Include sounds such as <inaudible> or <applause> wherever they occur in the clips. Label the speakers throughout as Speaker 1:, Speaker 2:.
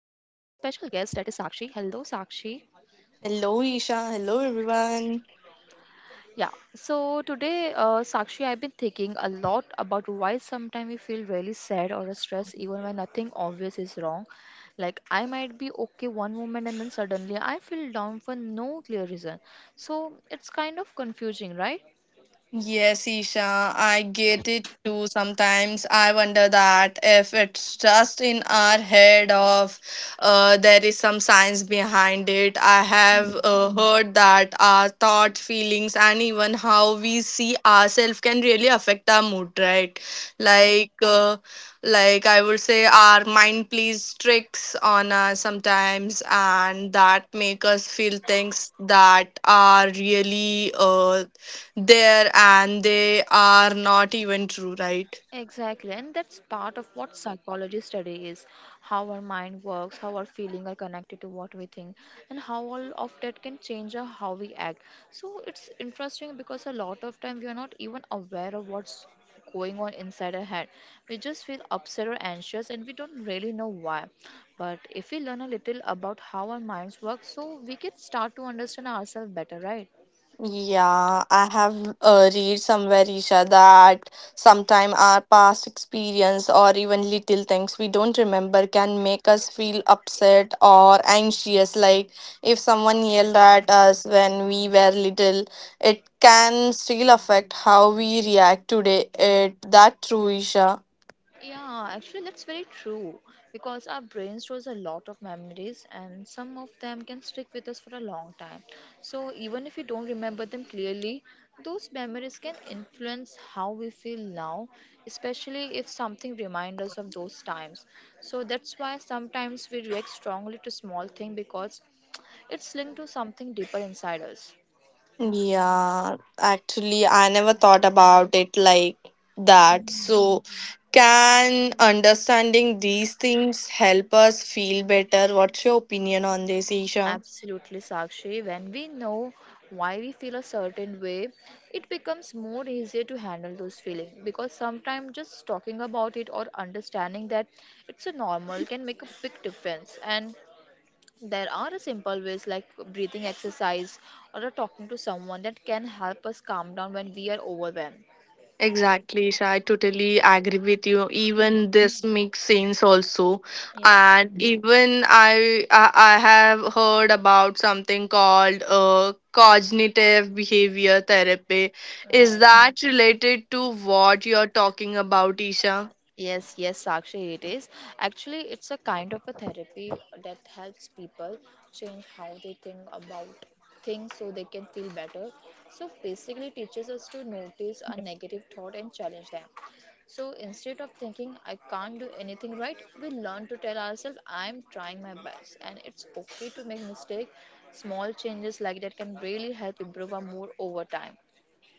Speaker 1: special guest that is Sakshi. Hello Sakshi.
Speaker 2: Hello, Isha. Hello, everyone.
Speaker 1: Yeah. So today Sakshi, I've been thinking a lot about why sometimes we feel really sad or stressed even when nothing obvious is wrong. Like, I might be okay one moment and then suddenly I feel down for no clear reason. So it's kind of confusing, right?
Speaker 2: Yes, Isha, I get it too. Sometimes I wonder that if it's just in our head of there is some science behind it. I have heard that our thoughts, feelings, and even how we see ourselves can really affect our mood, right?
Speaker 1: Yeah.
Speaker 2: Like, uh, like I would say, our mind plays tricks on us sometimes, and that make us feel things that are really there and they are not even true, right?
Speaker 1: Exactly, and that's part of what psychology study is, how our mind works, how our feelings are connected to what we think, and how all of that can change how we act. So it's interesting because a lot of time we are not even aware of what's going on inside our head. We just feel upset or anxious and we don't really know why. But if we learn a little about how our minds work, so we can start to understand ourselves better, right?
Speaker 2: Yeah, I have read somewhere, Isha, that sometime our past experience or even little things we don't remember can make us feel upset or anxious. Like if someone yelled at us when we were little, it can still affect how we react today. It that true, Isha?
Speaker 1: Yeah, actually, that's very true because our brain stores a lot of memories and some of them can stick with us for a long time. So, even if we don't remember them clearly, those memories can influence how we feel now, especially if something reminds us of those times. So, that's why sometimes we react strongly to small things because it's linked to something deeper inside us.
Speaker 2: Yeah, actually, I never thought about it like that.
Speaker 1: Mhm.
Speaker 2: So, can understanding these things help us feel better? What's your opinion on this, Isha?
Speaker 1: Absolutely, Sakshi. When we know why we feel a certain way, it becomes more easier to handle those feelings because sometimes just talking about it or understanding that it's a normal can make a big difference. And there are a simple ways like breathing exercise or a talking to someone that can help us calm down when we are overwhelmed.
Speaker 2: Exactly, Isha. I totally agree with you. Even this makes sense also.
Speaker 1: Yes,
Speaker 2: And Mhm. Even I have heard about something called cognitive behavior therapy. Is Mhm.
Speaker 1: right.
Speaker 2: that related to what you're talking about, Isha?
Speaker 1: Yes, yes, Sakshi, it is. Actually, it's a kind of a therapy that helps people change how they think about things so they can feel better. So, basically, teaches us to notice a negative thought and challenge them. So, instead of thinking, I can't do anything right, we learn to tell ourselves, I'm trying my best. And it's okay to make mistakes. Small changes like that can really help improve our mood over time.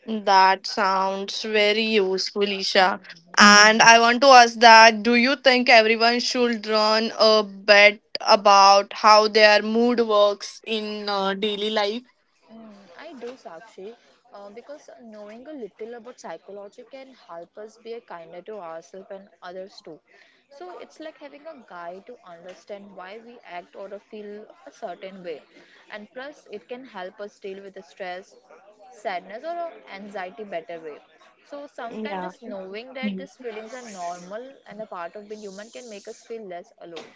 Speaker 2: That sounds very useful, Isha.
Speaker 1: Hmm.
Speaker 2: And I want to ask that do you think everyone should run a bet about how their mood works in daily life?
Speaker 1: Mm, I do, Sakshi, because knowing a little about psychology can help us be kinder to ourselves and others too. So it's like having a guide to understand why we act or feel a certain way. And plus, it can help us deal with the stress, sadness, or anxiety better way. So sometimes
Speaker 2: Yeah.
Speaker 1: just knowing that
Speaker 2: Mm.
Speaker 1: these feelings are normal and a part of being human can make us feel less alone.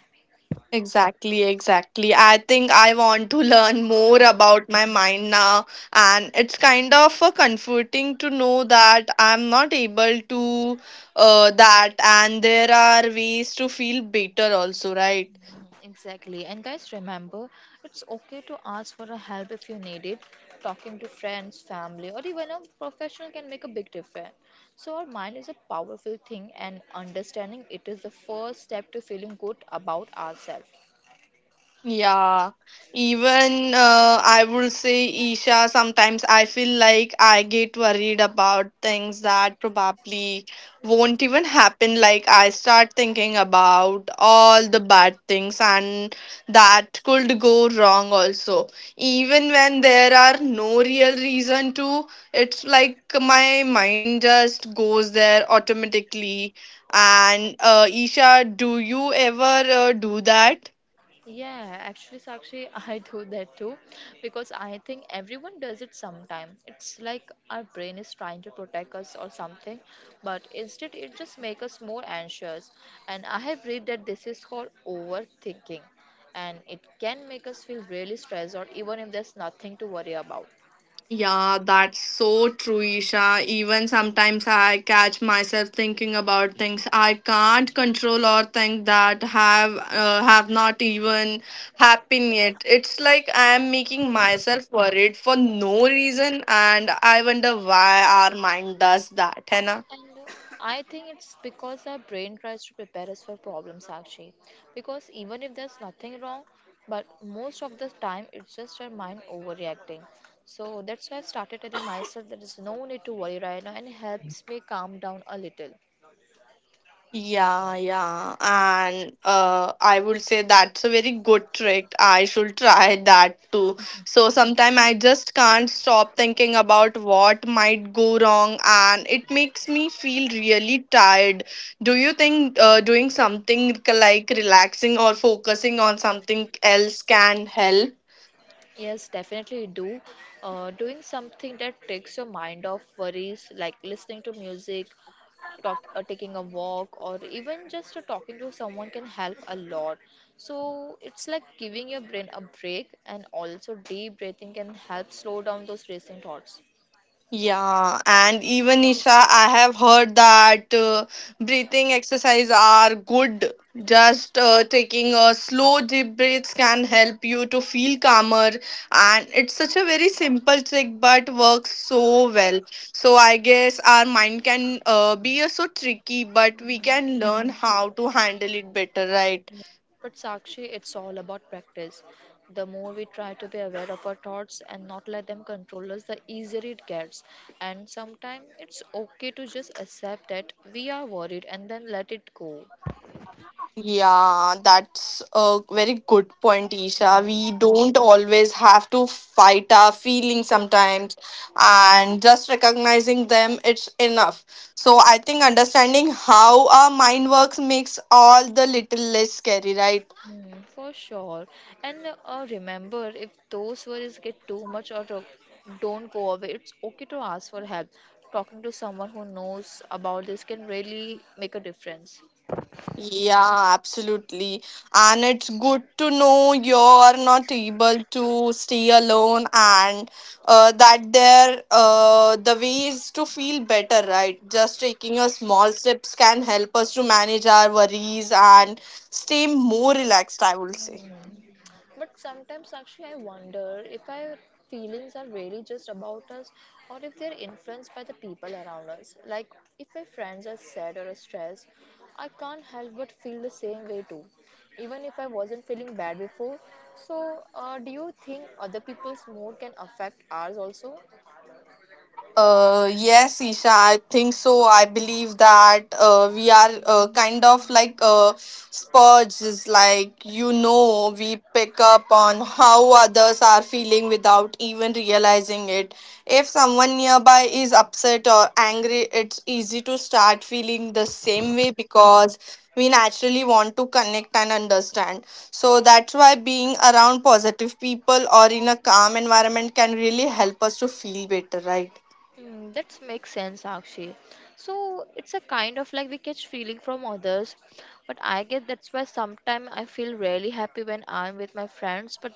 Speaker 2: Exactly, exactly. I think I want to <laughs> learn more about my mind now, and it's kind of comforting to know that I'm not able to and there are ways to feel better also, right?
Speaker 1: Exactly. And guys, remember, it's okay to ask for a help if you need it. Talking to friends, family, or even a professional can make a big difference. So, our mind is a powerful thing, and understanding it is the first step to feeling good about ourselves.
Speaker 2: Yeah, even I would say, Isha, sometimes I feel like I get worried about things that probably won't even happen. Like, I start thinking about all the bad things and that could go wrong also. Even when there are no real reason to, it's like my mind just goes there automatically. And, Isha, do you ever do that?
Speaker 1: Yeah, actually, Sakshi, <laughs> I do that too because I think everyone does it sometime. It's like our brain is trying to protect us or something, but instead it just makes us more anxious. And I have read that this is called overthinking and it can make us feel really stressed or even if there's nothing to worry about.
Speaker 2: Yeah, that's so true, Isha. Even sometimes I catch myself thinking about things I can't control or think that have not even happened yet. It's like I am making myself worried for no reason, and I wonder why our mind does that, Hannah.
Speaker 1: And I think it's because our brain tries to prepare us for problems actually. Because even if there's nothing wrong, but most of the time it's just our mind overreacting. So that's why I started telling myself there is no need to worry right now and it helps me calm down a little.
Speaker 2: Yeah, yeah. And I would say that's a very good trick. I should try <laughs> that too. So sometimes I just can't stop thinking about what might go wrong, and it makes me feel really tired. Do you think doing something like relaxing or focusing on something else can help?
Speaker 1: Yes, definitely do. Doing something that takes your mind off worries, like listening to music, taking a walk or even just talking to someone can help a lot, so it's like giving your brain a break. And also deep breathing can help slow down those racing thoughts.
Speaker 2: Yeah, and even Isha, I have heard that breathing exercise are good. Just taking a slow deep breaths can help you to feel calmer, and it's such a very simple trick but works so well. So I guess our mind can be so tricky, but we can learn how to handle it better, right?
Speaker 1: Yeah, but Sakshi, it's all about practice. The more we try to be aware of our thoughts and not let them control us, the easier it gets. And sometimes it's okay to just accept that we are worried and then let it go.
Speaker 2: Yeah, that's a very good point, Isha.
Speaker 1: Right.
Speaker 2: We don't always have to fight our feelings sometimes, and just recognizing them, it's enough. So, I think understanding how our mind works makes all the little less scary, right?
Speaker 1: Mm, for sure. And Remember, if those worries get too much or don't go away, it's okay to ask for help. Talking to someone who knows about this can really make a difference.
Speaker 2: Yeah, absolutely. And it's good to know you're not able to stay alone and that there the ways to feel better, right? Just taking a small steps can help us to manage our worries and stay more relaxed, I would say.
Speaker 1: Hmm. But sometimes, actually, I wonder if our feelings are really just about us or if they're influenced by the people around us. Like, if my friends are sad or stressed, I can't help but feel the same way too, even if I wasn't feeling bad before. So, do you think other people's mood can affect ours also?
Speaker 2: Yes, Isha, I think so. I believe that we are kind of like spurges, like you know, we pick up on how others are feeling without even realizing it. If someone nearby is upset or angry, it's easy to start feeling the same way because we naturally want to connect and understand. So that's why being around positive people or in a calm environment can really help us to feel better, right?
Speaker 1: Mm, that makes sense, Akshi. So it's a kind of like we catch feeling from others, but I get that's why sometimes I feel really happy when I'm with my friends, but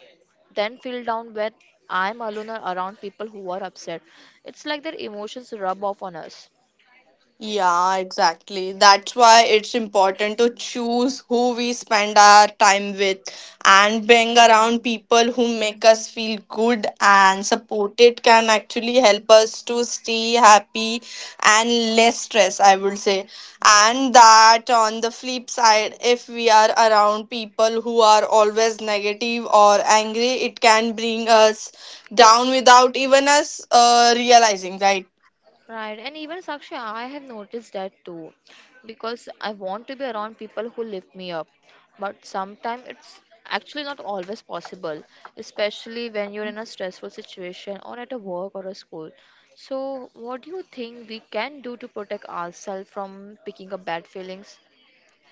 Speaker 1: then feel down when I'm alone or around people who are upset. It's like their emotions rub off on us.
Speaker 2: Yeah, exactly. That's why it's important to choose who we spend our time with and being around people who make us feel good and supported can actually help us to stay happy and less stress, I would say. And that on the flip side, if we are around people who are always negative or angry, it can bring us down without even us realizing, right?
Speaker 1: Right, and even Sakshi, I have noticed that too, because I want to be around people who lift me up, but sometimes it's actually not always possible, especially when you're in a stressful situation or at a work or a school. So, what do you think we can do to protect ourselves from picking up bad feelings?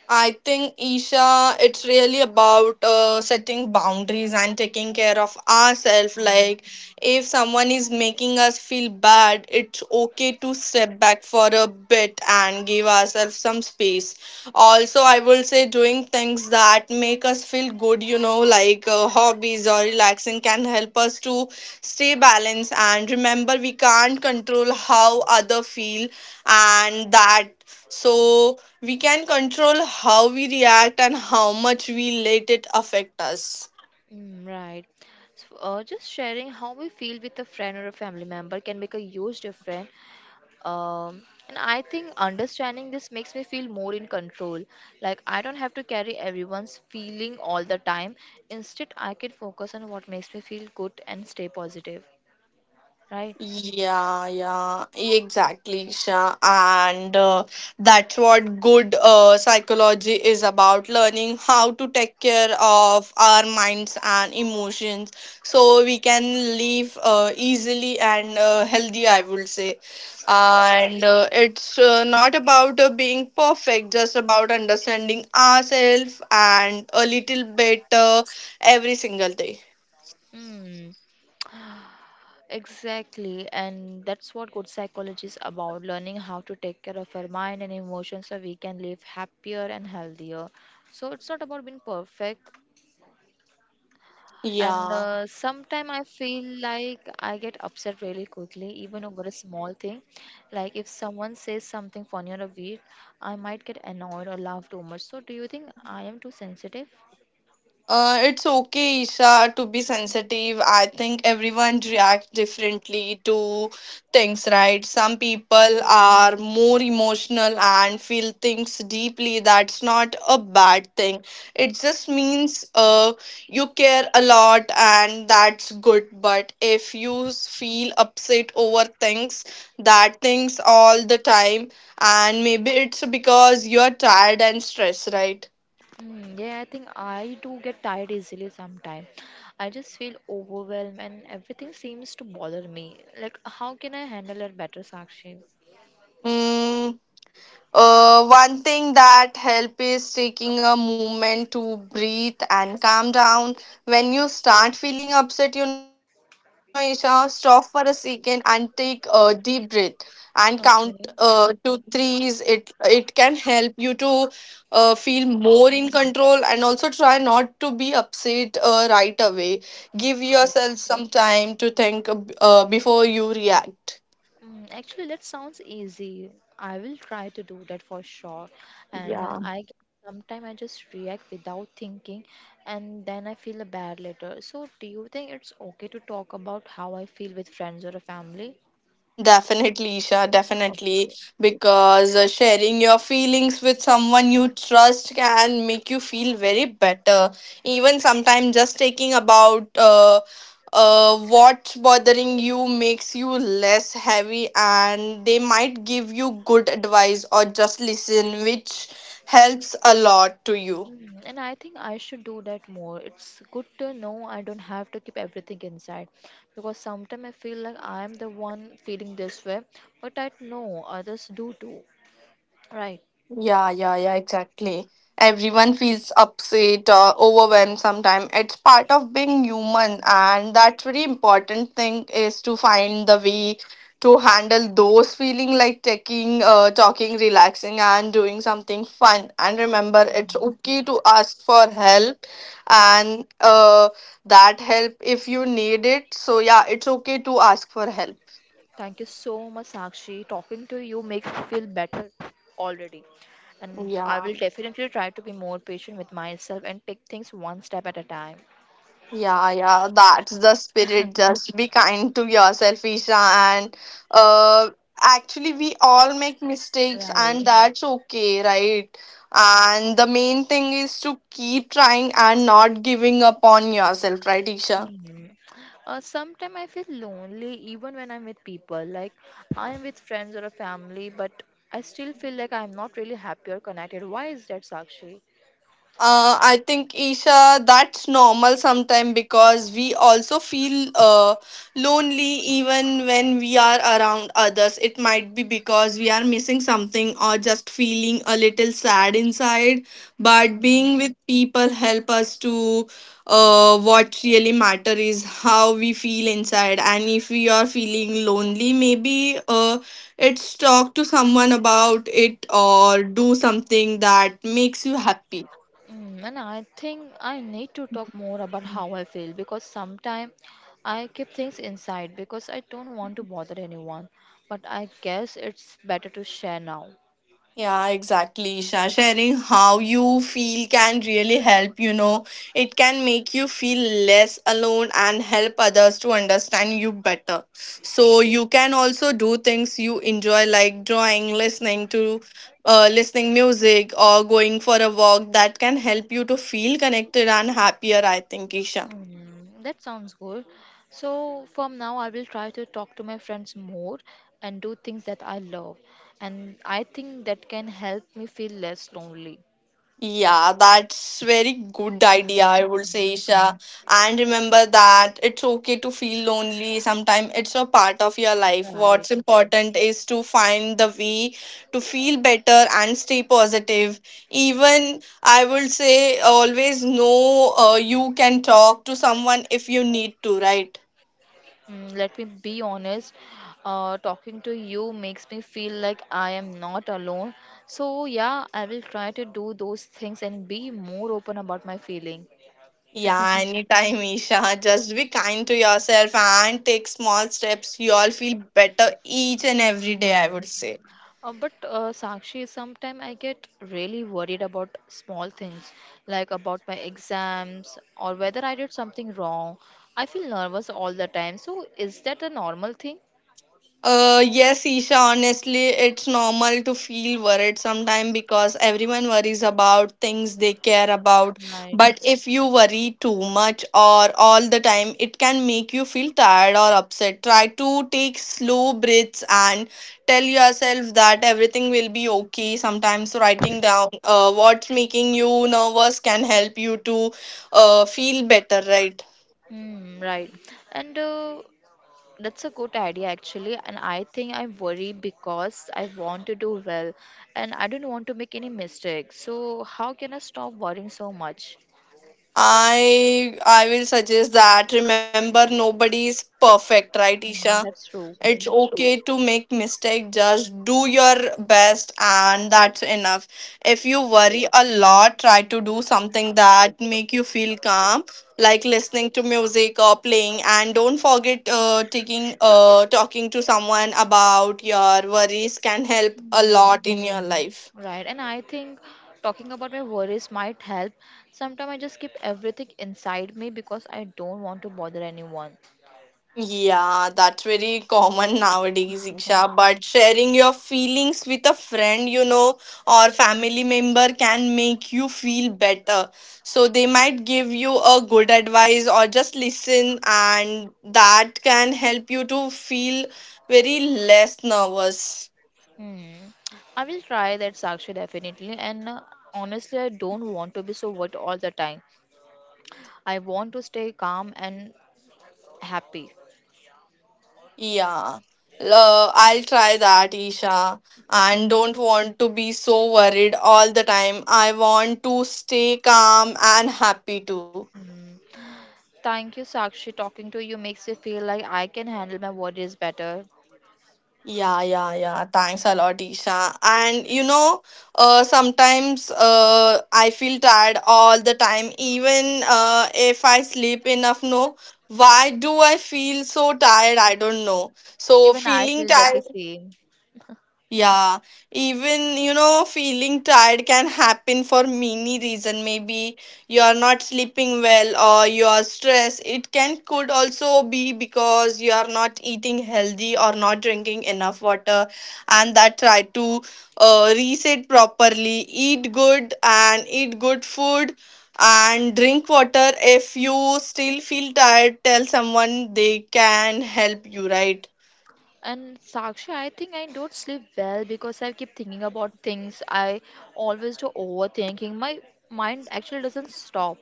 Speaker 2: I think, Isha, it's really about setting boundaries and taking care of ourselves. Like, if someone is making us feel bad, it's okay to step back for a bit and give ourselves some space. Also, I will say doing things that make us feel good, you know, like hobbies or relaxing, can help us to stay balanced. And remember, we can't control how other feel, and that so we can control how we react and how much we let it affect us.
Speaker 1: Mm, right. So, just sharing how we feel with a friend or a family member can make a huge difference. um, and I think understanding this makes me feel more in control. Like, I don't have to carry everyone's feeling all the time. Instead, I can focus on what makes me feel good and stay positive, right?
Speaker 2: Yeah, yeah, exactly, Isha. And that's what good psychology is about learning how to take care of our minds and emotions so we can live easily and healthy, I would say. And it's not about being perfect, just about understanding ourselves and a little better every single day.
Speaker 1: Hmm. Exactly, and that's what good psychology is about, learning how to take care of our mind and emotions so we can live happier and healthier. So it's not about being perfect. And
Speaker 2: Yeah.
Speaker 1: Sometime I feel like I get upset really quickly even over a small thing. Like, if someone says something funny or weird, I might get annoyed or laugh too much. So do you think I am too sensitive?
Speaker 2: It's okay, Isha, to be sensitive. I think everyone reacts differently to things, right? Some people are more emotional and feel things deeply. That's not a bad thing. It just means you care a lot, and that's good. But if you feel upset over things, that things all the time, and maybe it's because you're tired and stressed, right?
Speaker 1: Mm, yeah, I think I do get tired easily sometimes. I just feel overwhelmed and everything seems to bother me. Like, how can I handle it better, Sakshi?
Speaker 2: Mm. One thing that help is taking a moment to breathe and calm down. When you start feeling upset, you know, Isha, stop for a second and take a deep breath and count
Speaker 1: Okay.
Speaker 2: to threes. It can help you to feel more in control and also try not to be upset right away. Give yourself some time to think before you react.
Speaker 1: Mm, actually, that sounds easy. I will try to do that for sure. And
Speaker 2: Yeah.
Speaker 1: I sometimes I just react without thinking, and then I feel bad later. So, do you think it's okay to talk about how I feel with friends or a family?
Speaker 2: Definitely, Isha, definitely.
Speaker 1: Okay.
Speaker 2: Because sharing your feelings with someone you trust can make you feel very better. Even sometimes just taking about what's bothering you makes you less heavy, and they might give you good advice or just listen, which helps a lot to you.
Speaker 1: Mm, and I think I should do that more. It's good to know I don't have to keep everything inside because sometimes I feel like I am the one feeling this way, but I know others do too, right?
Speaker 2: Yeah, yeah, yeah, exactly. Everyone feels upset or overwhelmed sometimes. It's part of being human, and that's very important thing is to find the way to handle those feeling like taking, talking, relaxing, and doing something fun. And remember, it's okay to ask for help, and that help if you need it. So yeah, it's okay to ask for help.
Speaker 1: Thank you so much, Sakshi. Talking to you makes me feel better already. And I will
Speaker 2: Yeah.
Speaker 1: definitely try to be more patient with myself and take things one step at a time.
Speaker 2: Yeah, yeah, that's the spirit. Just be kind to yourself, Isha. And uh, actually, we all make mistakes,
Speaker 1: Right.
Speaker 2: and that's okay, right? And the main thing is to keep trying and not giving up on yourself, right, Isha?
Speaker 1: Hmm. Sometimes I feel lonely even when I'm with people. Like, I'm with friends or a family, but I still feel like I'm not really happy or connected. Why is that, Sakshi?
Speaker 2: I think Isha, that's normal sometime because we also feel lonely even when we are around others. It might be because we are missing something or just feeling a little sad inside. But being with people help us to what really matter is how we feel inside. And if we are feeling lonely, maybe it's talk to someone about it or do something that makes you happy.
Speaker 1: Mm, and I think I need to talk more about how I feel because sometimes I keep things inside because I don't want to bother anyone. But I guess it's better to share now.
Speaker 2: Yeah, exactly, Isha. Sharing how you feel can really help, you know. It can make you feel less alone and help others to understand you better. So you can also do things you enjoy like drawing, listening music or going for a walk that can help you to feel connected and happier, I think, Isha.
Speaker 1: Mm, that sounds good. So from now, I will try to talk to my friends more and do things that I love. And I think that can help me feel less lonely.
Speaker 2: Yeah, that's very good idea, I would say, Isha. And remember that it's okay to feel lonely. Sometimes it's a part of your life.
Speaker 1: Right.
Speaker 2: What's important is to find the way to feel better and stay positive. Even I would say always know you can talk to someone if you need to, right?
Speaker 1: Mm, let me be honest, talking to you makes me feel like I am not alone. So, yeah, I will try to do those things and be more open about my feeling.
Speaker 2: Yeah, anytime, Isha. Just be kind to yourself and take small steps. You all feel better each and every day, I
Speaker 1: Mm.
Speaker 2: would say.
Speaker 1: But Sakshi, sometimes I get really worried about small things, like about my exams or whether I did something wrong. I feel nervous all the time. So, is that a normal thing?
Speaker 2: Yes, Isha, honestly, it's normal to feel worried sometimes because everyone worries about things they care about.
Speaker 1: Right.
Speaker 2: But if you worry too much or all the time, it can make you feel tired or upset. Try to take slow breaths and tell yourself that everything will be okay. Sometimes writing down what's making you nervous can help you to feel better, right?
Speaker 1: Mm, right. And That's a good idea actually, and I think I worry because I want to do well and I don't want to make any mistakes. So, how can I stop worrying so much?
Speaker 2: I will suggest that remember nobody is perfect, right, Isha?
Speaker 1: Mm, that's true.
Speaker 2: It's okay to make mistake. Just do your best, and that's enough. If you worry a lot, try to do something that make you feel calm, like listening to music or playing. And don't forget, taking talking to someone about your worries can help a lot
Speaker 1: Mm,
Speaker 2: in your life.
Speaker 1: right, and I think talking about my worries might help. Sometimes I just keep everything inside me because I don't want to bother anyone.
Speaker 2: Yeah, that's very common nowadays,
Speaker 1: Oh.
Speaker 2: Isha. But sharing your feelings with a friend, you know, or family member can make you feel better. So they might give you a good advice or just listen, and that can help you to feel very less nervous.
Speaker 1: Hmm. I will try that, Sakshi, definitely. And Honestly, I don't want to be so worried all the time. I want to stay calm and happy.
Speaker 2: Yeah. I'll try that, Isha. And don't want to be so worried all the time. I want to stay calm and happy too.
Speaker 1: Mm. Thank you, Sakshi. Talking to you makes me feel like I can handle my worries better.
Speaker 2: Yeah, yeah, yeah. Thanks a lot, Isha. And you know, sometimes I feel tired all the time, even if I sleep enough. No, why do I feel so tired? I don't know. So,
Speaker 1: Even I
Speaker 2: feeling
Speaker 1: feel that the
Speaker 2: tired
Speaker 1: same.
Speaker 2: yeah, even you know, feeling tired can happen for many reason. Maybe you are not sleeping well or you are stressed. It can could also be because you are not eating healthy or not drinking enough water, and that try to reset properly. Eat good and eat good food and drink water. If you still feel tired, tell someone they can help you. Right.
Speaker 1: And Sakshi, I think I don't sleep well because I keep thinking about things. I always do overthinking. My mind actually doesn't stop.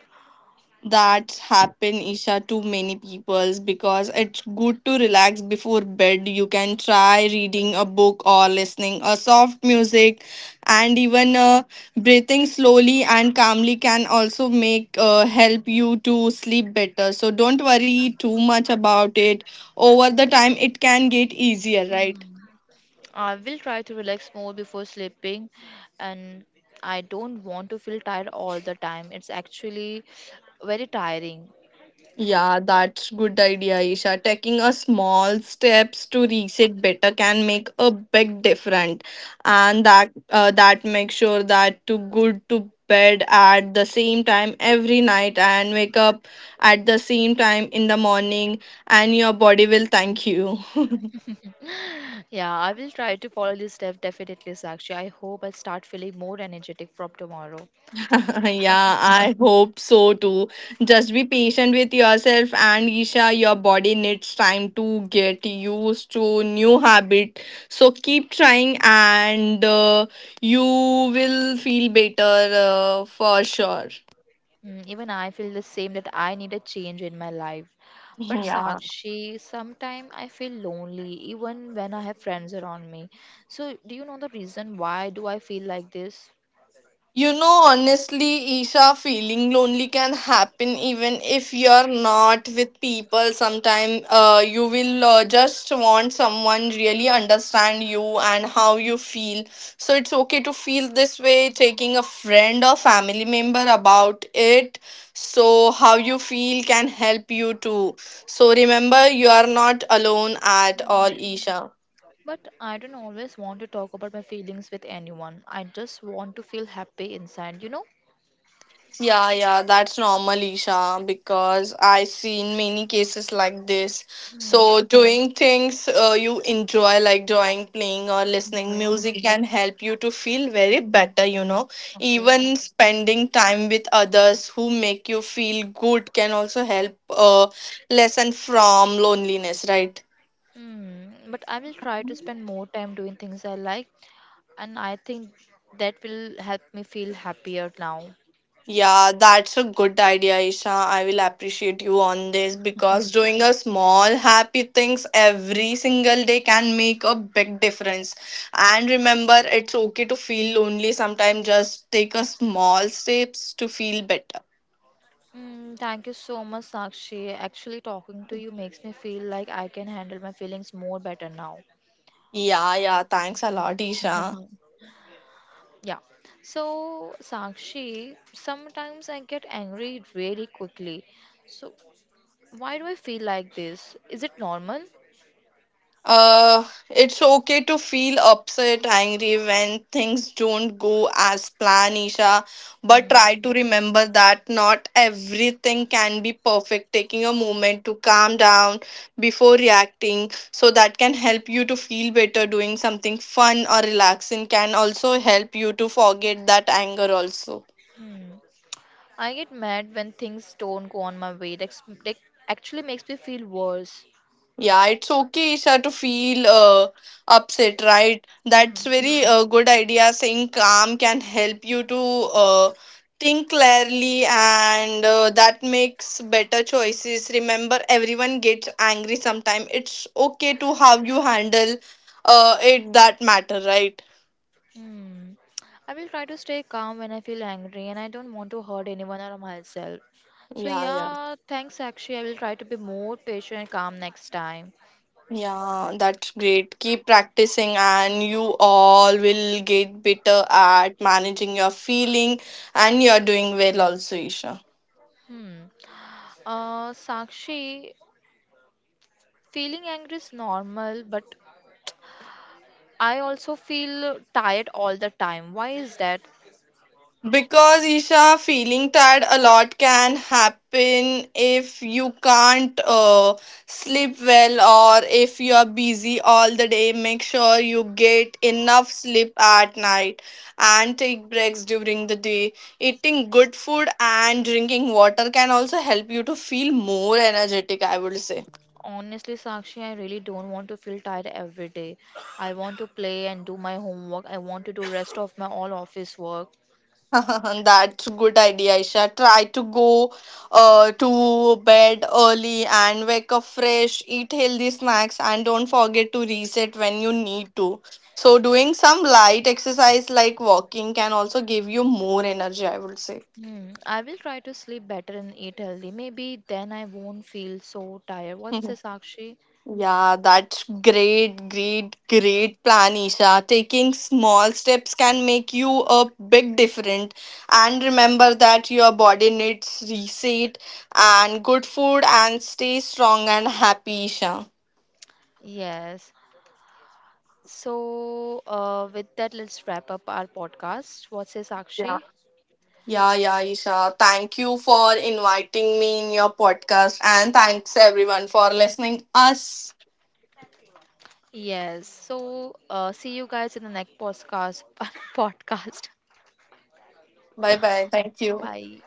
Speaker 2: That's happen, Isha, to many peoples because it's good to relax before bed. You can try reading a book or listening a soft music, and even breathing slowly and calmly can also make help you to sleep better. So don't worry too much about it. Over the time, it can get easier, right?
Speaker 1: Hmm. I will try to relax more before sleeping, and I don't want to feel tired all the time. It's actually very tiring.
Speaker 2: Yeah, that's good idea, Isha. Taking a small steps to reset better can make a big difference, and that makes sure that to good to bed at the same time every night and wake up at the same time in the morning, and your body will thank you. <laughs>
Speaker 1: Yeah, I will try to follow this step definitely, Sakshi. I hope I start feeling more energetic from tomorrow.
Speaker 2: <laughs> Yeah, I hope so too. Just be patient with yourself and Isha, your body needs time to get used to new habit. So keep trying and you will feel better for sure.
Speaker 1: Mm, even I feel the same that I need a change in my life. But Sakshi, sometimes I feel lonely even when I have friends around me. So, do you know the reason why do I feel like this?
Speaker 2: You know, honestly, Isha, feeling lonely can happen even if you're not with people. Sometimes you will just want someone really understand you and how you feel. So it's okay to feel this way. Taking a friend or family member about it, so how you feel can help you too. So remember, you are not alone at all, Isha.
Speaker 1: But I don't always want to talk about my feelings with anyone. I just want to feel happy inside, you know?
Speaker 2: Yeah, yeah, that's normal, Isha, because I seen many cases like this.
Speaker 1: Mm.
Speaker 2: So, doing things you enjoy, like drawing, playing, or listening
Speaker 1: Okay,
Speaker 2: music, can help you to feel very better, you know.
Speaker 1: okay.
Speaker 2: Even spending time with others who make you feel good can also help lessen from loneliness, right?
Speaker 1: Hmm. But I will try to spend more time doing things I like, and I think that will help me feel happier now.
Speaker 2: Yeah, that's a good idea, Isha. I will appreciate you on this because doing a small happy things every single day can make a big difference. And remember, it's okay to feel lonely sometimes. Just take a small steps to feel better.
Speaker 1: Mm, thank you so much, Sakshi. Actually, talking to you makes me feel like I can handle my feelings more better now.
Speaker 2: Yeah, yeah. Thanks a lot, Isha.
Speaker 1: <laughs> Yeah. So, Sakshi, sometimes I get angry really quickly. So, why do I feel like this? Is it normal?
Speaker 2: Uh, it's okay to feel upset, angry when things don't go as planned, Isha. But
Speaker 1: Hmm.
Speaker 2: try to remember that not everything can be perfect. Taking a moment to calm down before reacting, so that can help you to feel better. Doing something fun or relaxing can also help you to forget that anger, also.
Speaker 1: Hmm. I get mad when things don't go on my way. That actually makes me feel worse.
Speaker 2: Yeah, it's okay, Isha, to feel upset, right? That's
Speaker 1: Hmm.
Speaker 2: very good idea. Saying calm can help you to uh, think clearly, and that makes better choices. Remember, everyone gets angry sometime. It's okay to how you handle it that matter, right?
Speaker 1: Hmm. I will try to stay calm when I feel angry and I don't want to hurt anyone or myself. So
Speaker 2: Yeah, yeah.
Speaker 1: yeah, thanks Sakshi. I will try to be more patient and calm next time.
Speaker 2: Yeah, that's great. Keep practicing, and you all will get better at managing your feeling, and you're doing well also, Isha.
Speaker 1: Hmm. Sakshi, feeling angry is normal, but I also feel tired all the time. Why is that?
Speaker 2: Because Isha, feeling tired a lot can happen if you can't sleep well or if you are busy all the day. Make sure you get enough sleep at night and take breaks during the day. Eating good food and drinking water can also help you to feel more energetic, I would say.
Speaker 1: Honestly, Sakshi, I really don't want to feel tired every day. I want to play and do my homework. I want to do rest of my all office work.
Speaker 2: <laughs> That's a good idea, Isha. Try to go to bed early and wake up fresh, eat healthy snacks, and don't forget to reset when you need to. So, doing some light exercise like walking can also give you more energy, I would say.
Speaker 1: Hmm, I will try to sleep better and eat healthy. Maybe then I won't feel so tired. What's this,
Speaker 2: <laughs>
Speaker 1: Sakshi?
Speaker 2: Yeah, that's great plan, Isha. Taking small steps can make you a big difference. And remember that your body needs reset and good food and stay strong and happy, Isha.
Speaker 1: Yes. So, with that, let's wrap up our podcast. What's this,
Speaker 2: Yeah.
Speaker 1: Sakshi?
Speaker 2: Yeah, yeah, Isha. Thank you for inviting me in your podcast and thanks everyone for listening us.
Speaker 1: Yes. So, see you guys in the next podcast. <laughs> podcast.
Speaker 2: Bye bye. Thank you.
Speaker 1: Bye.